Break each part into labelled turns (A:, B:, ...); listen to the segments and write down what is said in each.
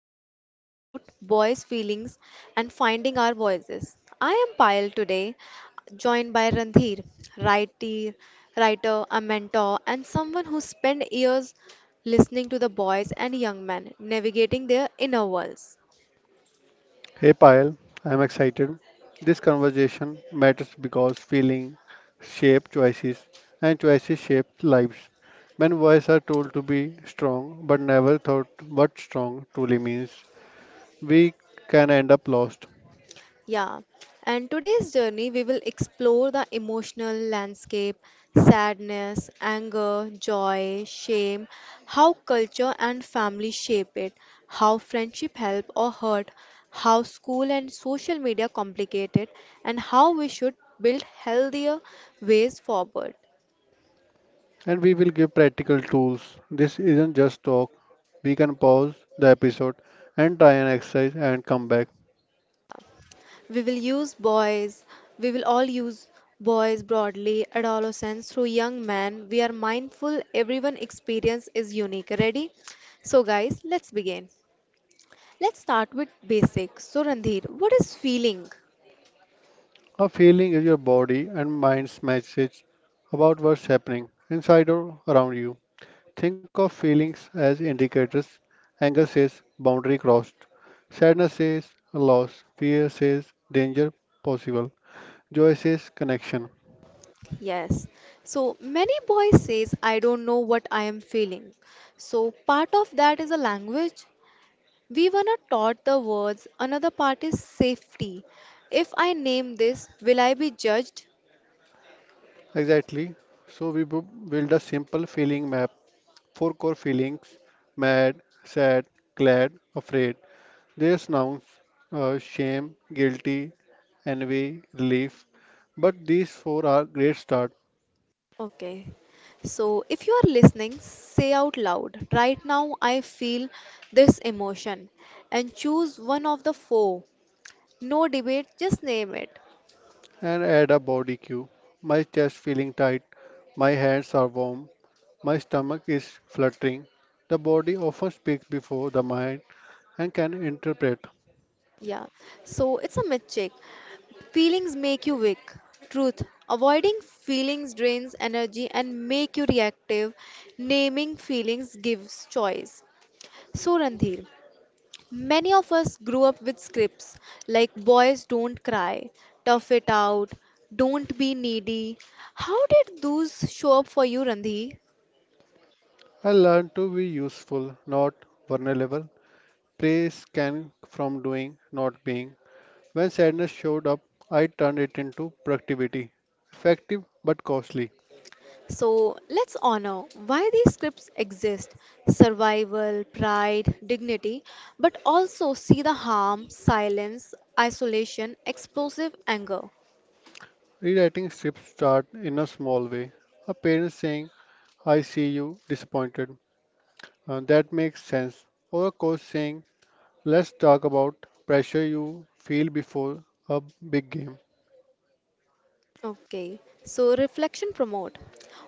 A: we are going to talk about boys' feelings and finding our voices. I am Payal today, joined by Randhir, writer, writer, a mentor, and someone who spent years listening to the boys and young men navigating their inner worlds.
B: Hey Payal, I am excited. This conversation matters because feeling shape choices and choices shape lives. When voices are told to be strong but never thought what strong truly means, we can end up lost.
A: Yeah, and today's journey we will explore the emotional landscape, sadness, anger, joy, shame, how culture and family shape it, how friendship help or hurt, how school and social media complicate it, and how we should build healthier ways forward.
B: And we will give practical tools. This isn't just talk. We can pause the episode and try an exercise and come back.
A: We will use boys, we will all use boys broadly, adolescents through young men. We are mindful everyone experience is unique. Ready? So guys, let's begin. Let's start with basics. So Randhir, what is feeling?
B: A feeling is your body and mind's message about what's happening inside or around you. Think of feelings as indicators. Anger says boundary crossed. Sadness says loss. Fear says danger possible. Joy says connection.
A: Yes. So many boys says I don't know what I am feeling. So part of that is a language. We were not taught the words. Another part is safety. If I name this, will I be judged?
B: Exactly. So build a simple feeling map. Four core feelings mad, sad, glad, afraid. There's nouns shame, guilty, envy, relief. But these four are great start
A: Okay. So if you are listening, say out loud, right now I feel this emotion and choose one of the four. No debate, just name it.
B: and add a body cue. My chest feeling tight. My hands are warm. My stomach is fluttering. The body often speaks before the mind and can interpret.
A: Yeah. So it's a myth check. Feelings make you weak. Truth. Avoiding feelings drains energy and make you reactive. Naming feelings gives choice. So Randhir, many of us grew up with scripts like boys don't cry, tough it out, don't be needy. How did those show up for you, Randhi?
B: I learn to be useful, not vulnerable. Praise came from doing, not being. When sadness showed up, I turned it into productivity. Effective but costly.
A: So let's honor why these scripts exist, survival, pride, dignity, but also see the harm, silence, isolation, explosive anger.
B: Rewriting strips start in a small way. A parent saying, I see you disappointed. That makes sense. Or a coach saying, let's talk about pressure you feel before a big game.
A: Okay, so reflection promote.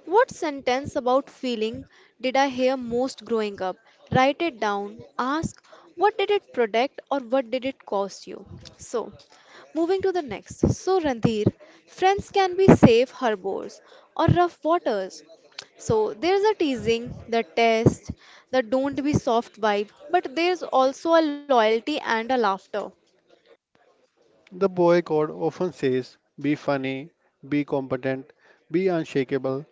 A: What sentence about feeling did I hear most growing up? Write it down. Ask, what did it protect or what did it cost you? So, moving to the next. So, Randhir, friends can be safe harbors or rough waters. So, there's a teasing, the test, the don't be soft vibe, but there's also a loyalty and a laughter.
B: The boy code often says be funny, be competent, be unshakable,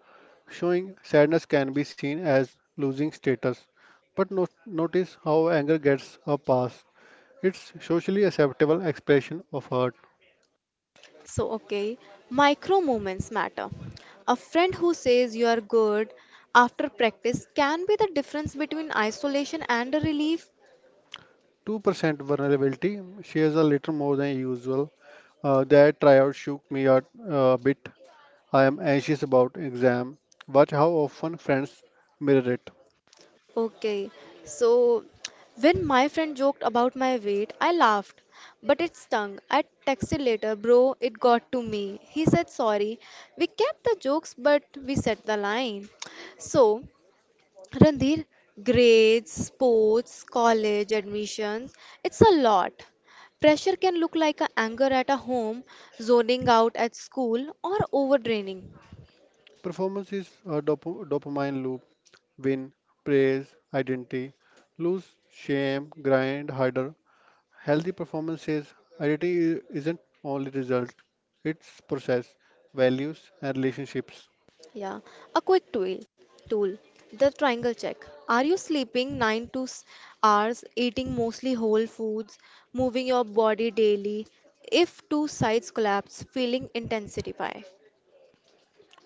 B: showing sadness can be seen as losing status. But notice how anger gets a pass. It's socially acceptable expression of hurt.
A: Okay, micro moments matter. A friend who says you are good after practice can be the difference between isolation and a relief.
B: 2% vulnerability shares a little more than usual. That tryout shook me a bit. I am anxious about exam. Watch how often friends mirror it.
A: Okay, so when my friend joked about my weight, I laughed, but it stung. I texted later, bro, it got to me. He said sorry. We kept the jokes, but we set the line. So, Randir, grades, sports, college admissions, it's a lot. Pressure can look like a anger at a home, zoning out at school, or overtraining.
B: Performance is a dopamine loop win, praise, identity, lose, shame, grind harder. Healthy performance says identity isn't only result, it's process, values and relationships.
A: Yeah, a quick tool. Tool. The triangle check. Are you sleeping 9 to hours, eating mostly whole foods, moving your body daily? If two sides collapse, feeling intensify.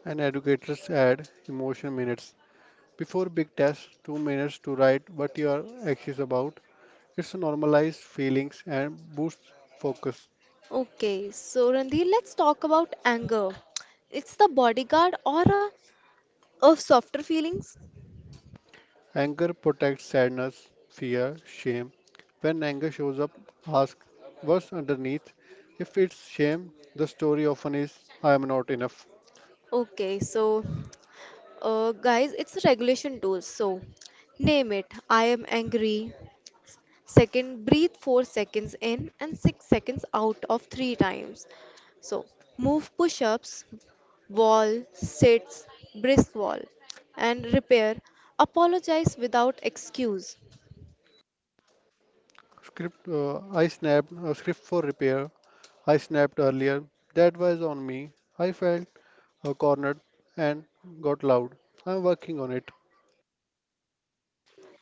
B: And educators add emotion minutes. Before big tests, 2 minutes to write what your action is about. It's normalised feelings and boosts focus.
A: Okay, so Randir, let's talk about anger. It's the bodyguard or a of softer feelings?
B: Anger protects sadness, fear, shame. When anger shows up, ask what's underneath. If it's shame, the story often is I am not enough.
A: Okay, so guys, it's a regulation tool. So name it. I am angry. Second, breathe 4 seconds in and 6 seconds out of three times. So move push ups, wall, sits, brisk wall, and repair. Apologize without excuse.
B: Script I snapped a script for repair. I snapped earlier. That was on me. I felt cornered and got loud. I'm working on it.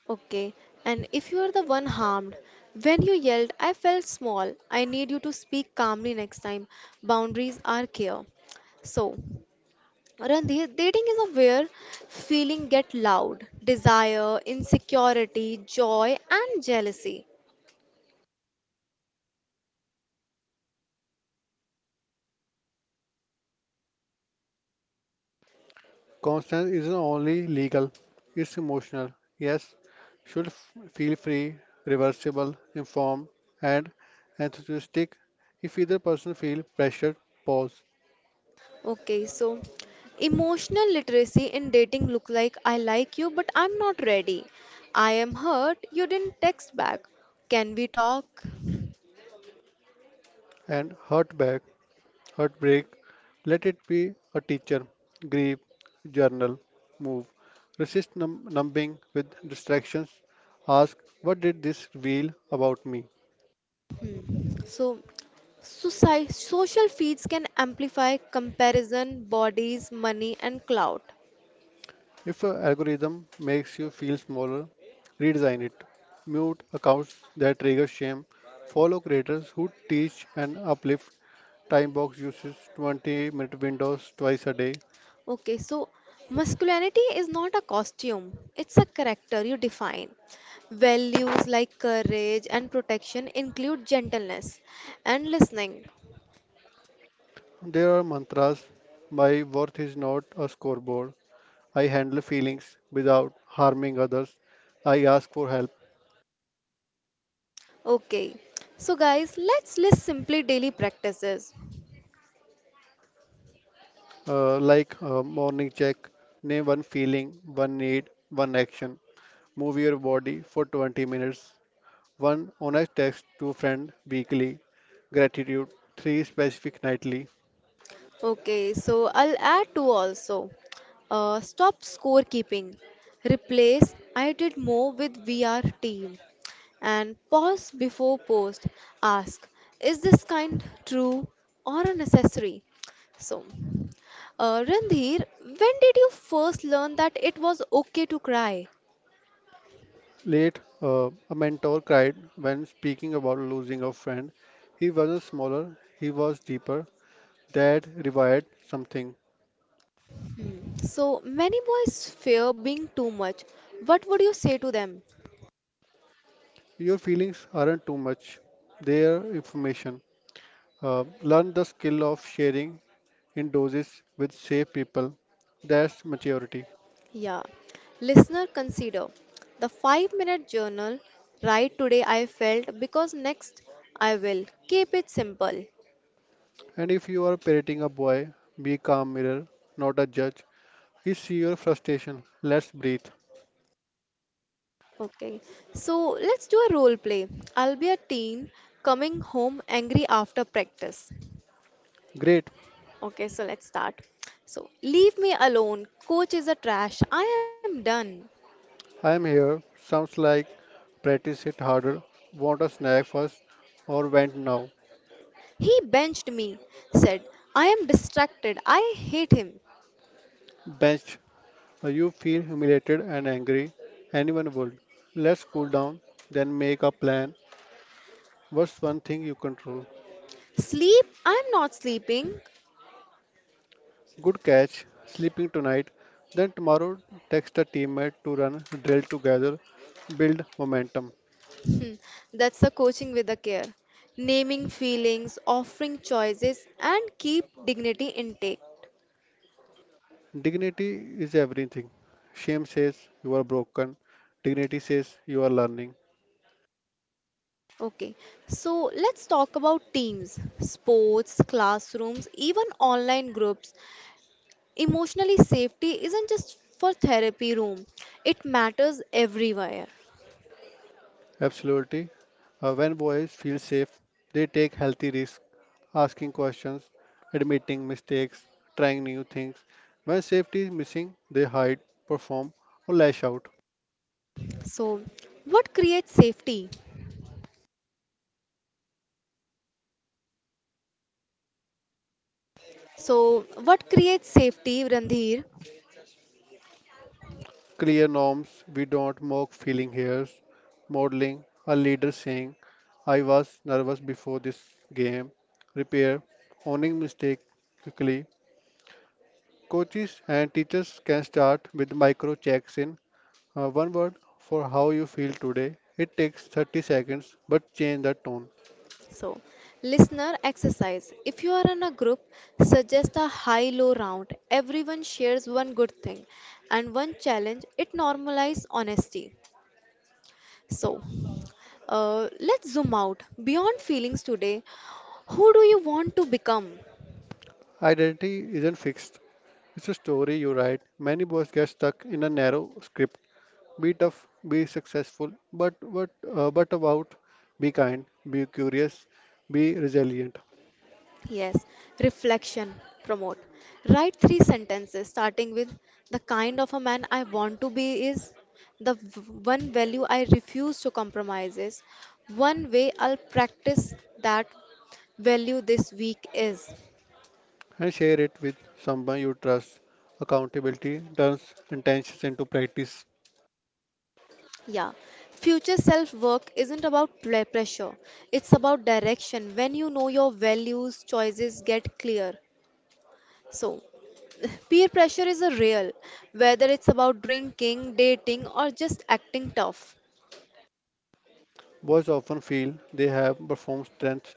A: Okay, and if you are the one harmed, when you yelled, I felt small, I need you to speak calmly next time. Boundaries are clear. So, Randhir, dating is a where feeling get loud, desire, insecurity, joy, and jealousy.
B: Consent isn't only legal, it's emotional. Yes, should feel free, reversible, informed, and enthusiastic. If either person feel pressured, pause
A: Okay, so emotional literacy in dating look like I like you, but I'm not ready. I am hurt. You didn't text back. Can we talk?
B: and hurt back, heartbreak, let it be a teacher, grieve, journal, move. Resist numbing with distractions. Ask, what did this reveal about me?
A: Mm. So, social feeds can amplify comparison, bodies, money, and clout.
B: If an algorithm makes you feel smaller, redesign it. Mute accounts that trigger shame. Follow creators who teach and uplift. Timebox uses 20-minute windows twice a day.
A: Okay, so masculinity is not a costume, it's a character you define. Values like courage and protection include gentleness and listening.
B: There are mantras. My worth is not a scoreboard. I handle feelings without harming others. I ask for help.
A: Okay, so guys, let's list simply daily practices.
B: Morning check. Name one feeling, one need, one action. Move your body for 20 minutes. One, honest text to friend weekly. Gratitude, three specific nightly.
A: Okay, so I'll add two also. Stop scorekeeping. Replace I did more with VR team. And pause before post. Ask, is this kind true or a necessary? So, Randhir, when did you first learn that it was okay to cry?
B: Late, a mentor cried when speaking about losing a friend. He wasn't smaller, he was deeper. That revived something.
A: So, many boys fear being too much. What would you say to them?
B: Your feelings aren't too much, they're information. Learn the skill of sharing in doses with safe people. That's maturity.
A: Yeah. Listener, consider the 5 minute journal. Right today, I felt because next I will. Keep it simple.
B: And if you are parenting a boy, be calm mirror, not a judge. He see your frustration. Let's breathe.
A: Okay. So let's do a role play. I'll be a teen coming home angry after practice.
B: Great,
A: Okay. So let's start. So leave me alone. Coach is a trash. I am done.
B: I am here. Sounds like practice it harder. Want a snack first or went now?
A: He benched me. Said, I am distracted. I hate him.
B: Benched. You feel humiliated and angry. Anyone would. Let's cool down, then make a plan. What's one thing you control?
A: Sleep? I'm not sleeping.
B: Good catch. Sleeping tonight. Then tomorrow, text a teammate to run a drill together. Build momentum.
A: That's the coaching with the care. Naming feelings, offering choices, and keep dignity intake.
B: Dignity is everything. Shame says you are broken. Dignity says you are learning.
A: Okay, so let's talk about teams, sports, classrooms, even online groups. Emotionally, safety isn't just for therapy room, it matters everywhere.
B: Absolutely. When boys feel safe, they take healthy risks, asking questions, admitting mistakes, trying new things. When safety is missing, they hide, perform, or lash out.
A: So, what creates safety? So, what creates safety, Randhir?
B: Clear norms, we don't mock feeling hears, modeling, a leader saying, I was nervous before this game, repair, owning mistake quickly. Coaches and teachers can start with micro checks in one word for how you feel today. It takes 30 seconds, but change the tone.
A: So, listener exercise. If you are in a group, suggest a high low round. Everyone shares one good thing and one challenge. It normalizes honesty. So, let's zoom out beyond feelings today. Who do you want to become?
B: Identity isn't fixed, it's a story you write. Many boys get stuck in a narrow script. Be tough, be successful, but what, but about be kind, be curious, be resilient,
A: Yes, reflection, promote. Write three sentences starting with the kind of a man I want to be is, the one value I refuse to compromise is, one way I'll practice that value this week is.
B: and share it with someone you trust. Accountability turns intentions into practice.
A: Yeah, future self work isn't about pressure, it's about direction. When you know your values, choices get clear. So, peer pressure is a real, whether it's about drinking, dating, or just acting tough.
B: Boys often feel they have performed strength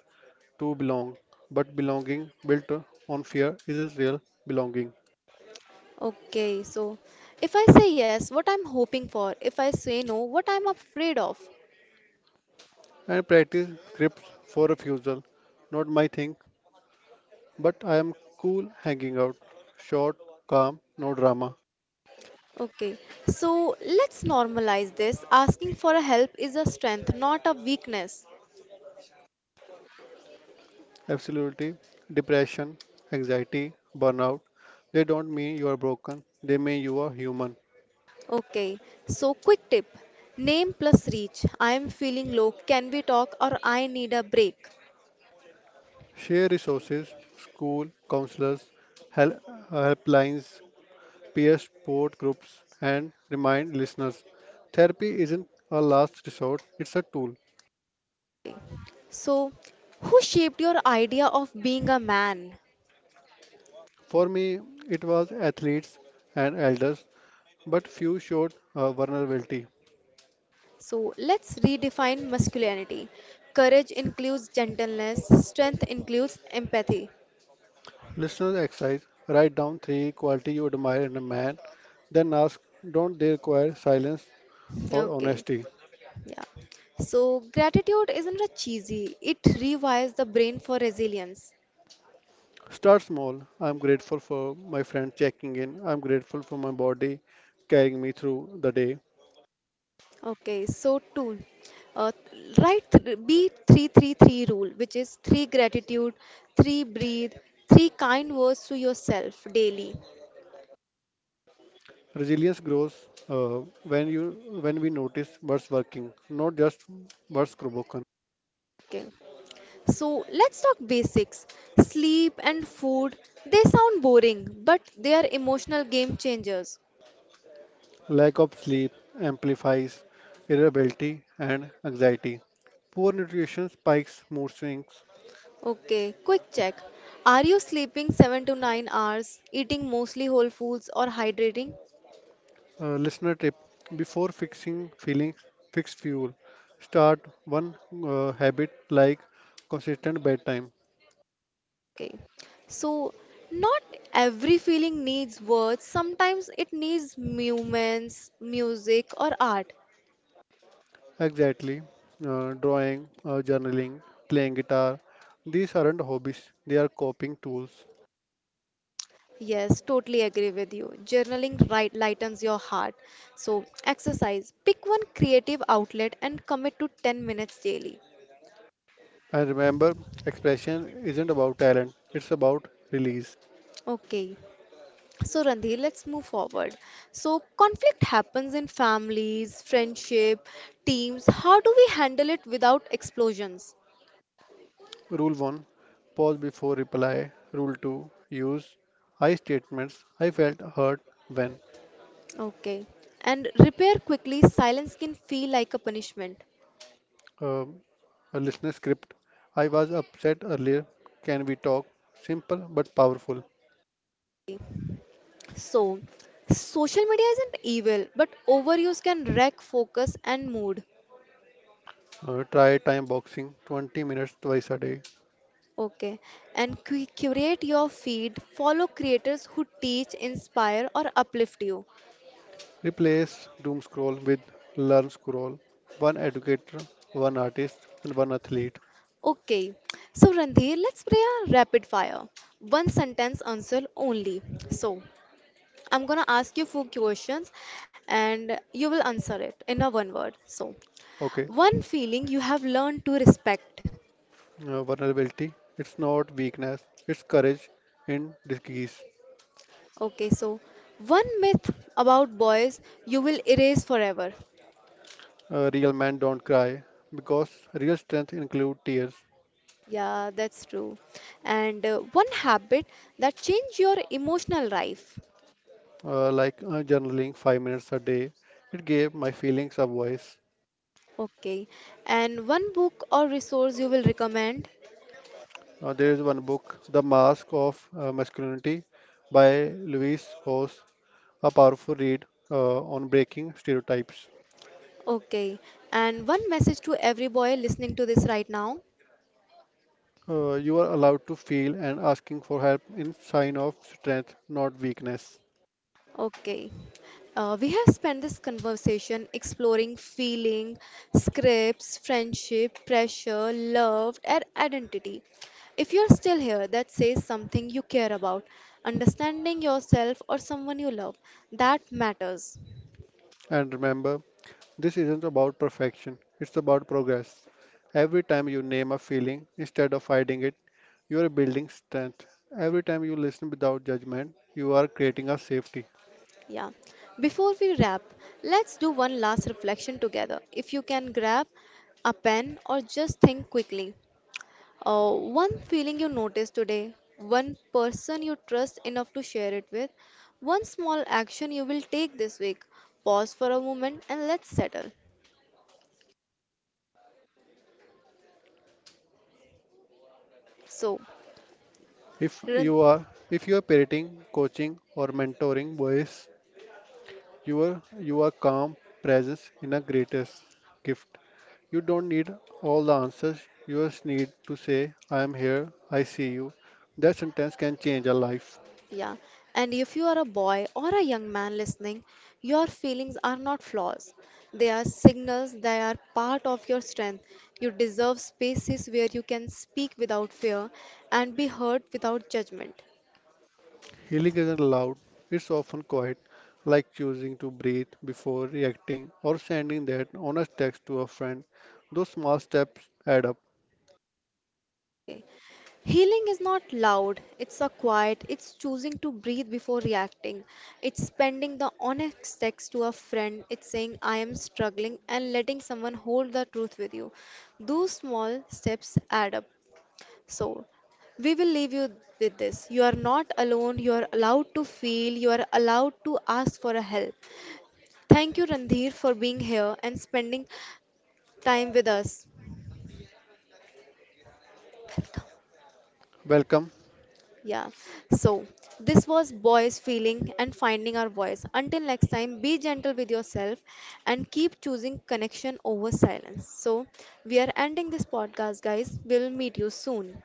B: to belong, but belonging built on fear isn't real belonging.
A: Okay, so if I say yes, what I'm hoping for, if I say no, what I'm afraid of.
B: And practice grips for refusal, not my thing, but I am cool hanging out, short, calm, no drama.
A: Okay, so let's normalize this. Asking for a help is a strength, not a weakness.
B: Absolutely, depression, anxiety, burnout, they don't mean you are broken, they mean you are human.
A: Okay, so quick tip, name plus reach. I am feeling low, can we talk, or I need a break.
B: Share resources, school, counselors, help, helplines, peer support groups, and remind listeners therapy isn't a last resort, it's a tool.
A: So, who shaped your idea of being a man?
B: For me, it was athletes and elders, but few showed vulnerability.
A: So let's redefine masculinity. Courage includes gentleness, strength includes empathy.
B: Listeners exercise write down three qualities you admire in a man, then ask don't they require silence or
A: Okay,
B: honesty?
A: yeah. So gratitude isn't a cheesy, it rewires the brain for resilience.
B: Start small. I'm grateful for my friend checking in, I'm grateful for my body carrying me through the day.
A: Okay, so two, uh, write B three three three rule, which is three gratitude, three breathe, three kind words to yourself daily.
B: Resilience grows uh, when you when we notice what's working, not just what's broken.
A: Okay. So let's talk basics. Sleep and food, they sound boring, but they are emotional game changers.
B: Lack of sleep amplifies irritability and anxiety. Poor nutrition spikes mood swings.
A: Okay, quick check. Are you sleeping 7 to 9 hours, eating mostly whole foods, or hydrating?
B: Listener tip: before fixing feelings, fix fuel. Start one habit like consistent bedtime.
A: Okay, so not every feeling needs words, sometimes it needs movements, music, or art.
B: Exactly, drawing, journaling, playing guitar. These aren't hobbies; they are coping tools.
A: Yes, totally agree with you. Journaling right lightens your heart. So, exercise. Pick one creative outlet and commit to 10 minutes daily.
B: And remember, expression isn't about talent, it's about release.
A: Okay. So, Randhi, let's move forward. So, conflict happens in families, friendship, teams. How do we handle it without explosions?
B: Rule 1, pause before reply. Rule 2, use I statements. I felt hurt when
A: Okay. And repair quickly, silence can feel like a punishment.
B: um, a listener script. I was upset earlier. Can we talk? Simple but powerful.
A: So, social media isn't evil, but overuse can wreck focus and mood.
B: Try time boxing 20 minutes twice a day.
A: Okay. And curate your feed. Follow creators who teach, inspire, or uplift you.
B: Replace doom scroll with learn scroll. One educator, one artist, and one athlete.
A: Okay. So, Randhir, let's play a rapid fire. One sentence answer only. So, I'm gonna ask you four questions and you will answer it in a one word. So,
B: Okay.
A: one feeling you have learned to respect.
B: Vulnerability, it's not weakness, it's courage in disguise.
A: Okay. So, one myth about boys you will erase forever.
B: Real men don't cry because real strength include tears.
A: Yeah, that's true. And one habit that change your emotional life.
B: Journaling 5 minutes a day, it gave my feelings a voice.
A: Okay. And one book or resource you will recommend.
B: There is one book, The Mask of Masculinity, by Louise Hoss, a powerful read on breaking stereotypes.
A: Okay. And one message to every boy listening to this right now.
B: You are allowed to feel and asking for help in sign of strength, not weakness.
A: Okay. We have spent this conversation exploring feeling, scripts, friendship, pressure, love, and identity. If you're still here, that says something you care about. Understanding yourself or someone you love, that matters.
B: And remember, this isn't about perfection, it's about progress. Every time you name a feeling instead of hiding it, you are building strength. Every time you listen without judgment, you are creating a safety.
A: Yeah. Before we wrap, let's do one last reflection together. If you can grab a pen or just think quickly. One feeling you notice today, one person you trust enough to share it with, one small action you will take this week. Pause for a moment and let's settle. So,
B: If
A: run-
B: you are if you are parenting, coaching or mentoring boys, you are calm presence in a greatest gift. You don't need all the answers. You just need to say, I am here, I see you. That sentence can change a life.
A: yeah. And if you are a boy or a young man listening, your feelings are not flaws. They are signals, they are part of your strength. You deserve spaces where you can speak without fear and be heard without judgment.
B: Healing isn't loud, it's often quiet, like choosing to breathe before reacting or sending that honest text to a friend. Those small steps add up.
A: Healing is not loud, it's a quiet, it's choosing to breathe before reacting. It's spending the honest text to a friend, it's saying, I am struggling, and letting someone hold the truth with you. Those small steps add up. So, we will leave you with this. You are not alone, you are allowed to feel, you are allowed to ask for a help. Thank you, Randhir, for being here and spending time with us. Welcome.
B: Welcome.
A: Yeah. So this was boys feeling and finding our voice. Until next time, be gentle with yourself and keep choosing connection over silence. So we are ending this podcast, guys. We'll meet you soon.